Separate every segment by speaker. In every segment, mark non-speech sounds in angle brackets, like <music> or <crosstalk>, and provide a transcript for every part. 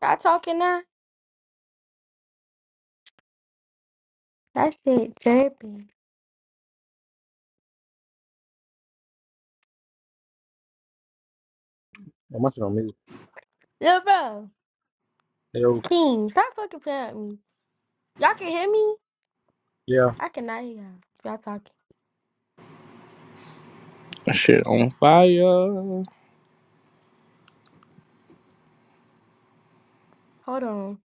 Speaker 1: Y'all talking now? That shit dripping.
Speaker 2: I'm watching on mute.
Speaker 1: Lil bro,
Speaker 2: Hey, yo,
Speaker 1: King, stop fucking playing with me. Y'all can hear me?
Speaker 2: yeah.
Speaker 1: I cannot hear y'all. Y'all talking.
Speaker 3: That Shit on fire.
Speaker 1: Hold on.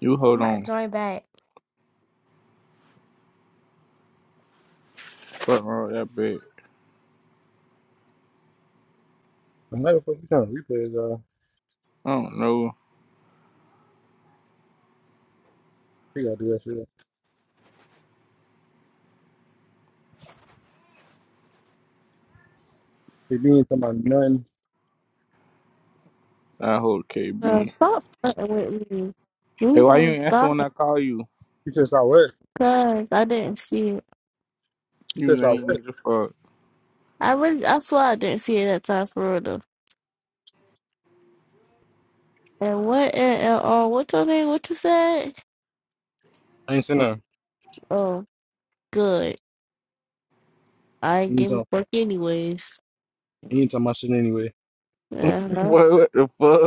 Speaker 3: You
Speaker 1: I'm
Speaker 3: hold
Speaker 1: about to
Speaker 3: on.
Speaker 1: join back.
Speaker 3: Fuck wrong with that bitch.
Speaker 2: I'm like, fuck you trying to replay is, uh,
Speaker 3: I don't know.
Speaker 2: he gotta do that shit. He didn't come out nothing.
Speaker 3: I hold
Speaker 4: Uh,
Speaker 3: KB.
Speaker 4: stop fucking with me.
Speaker 3: Hey,
Speaker 4: Leave don't
Speaker 3: why you ain't answer
Speaker 4: Stop,
Speaker 3: when I call you?
Speaker 2: He said, I work.
Speaker 4: cause I didn't see it.
Speaker 2: He
Speaker 3: You
Speaker 2: said, I
Speaker 3: lame
Speaker 2: work.
Speaker 3: as the fuck.
Speaker 4: I really, I swear I didn't see it that time for real though. And what and LLR? What's your name? What you said?
Speaker 2: I ain't saying
Speaker 3: <laughs>
Speaker 2: nothing.
Speaker 4: Oh, good. I
Speaker 2: He
Speaker 4: ain't
Speaker 2: ain't
Speaker 4: getting
Speaker 2: talking,
Speaker 4: fuck anyways.
Speaker 2: he ain't talking my shit anyway.
Speaker 4: Uh huh.
Speaker 3: What, what the fuck?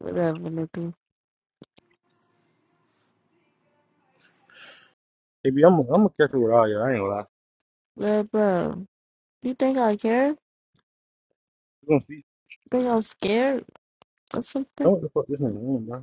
Speaker 4: Whatever, nigga.
Speaker 2: Hey, B, I'm, I'm gonna catch it with all y'all. I ain't gonna lie.
Speaker 4: But bro, you think I care?
Speaker 2: You gonna see.
Speaker 4: Think I'm scared or something?
Speaker 2: Know what the fuck this nigga on, bro.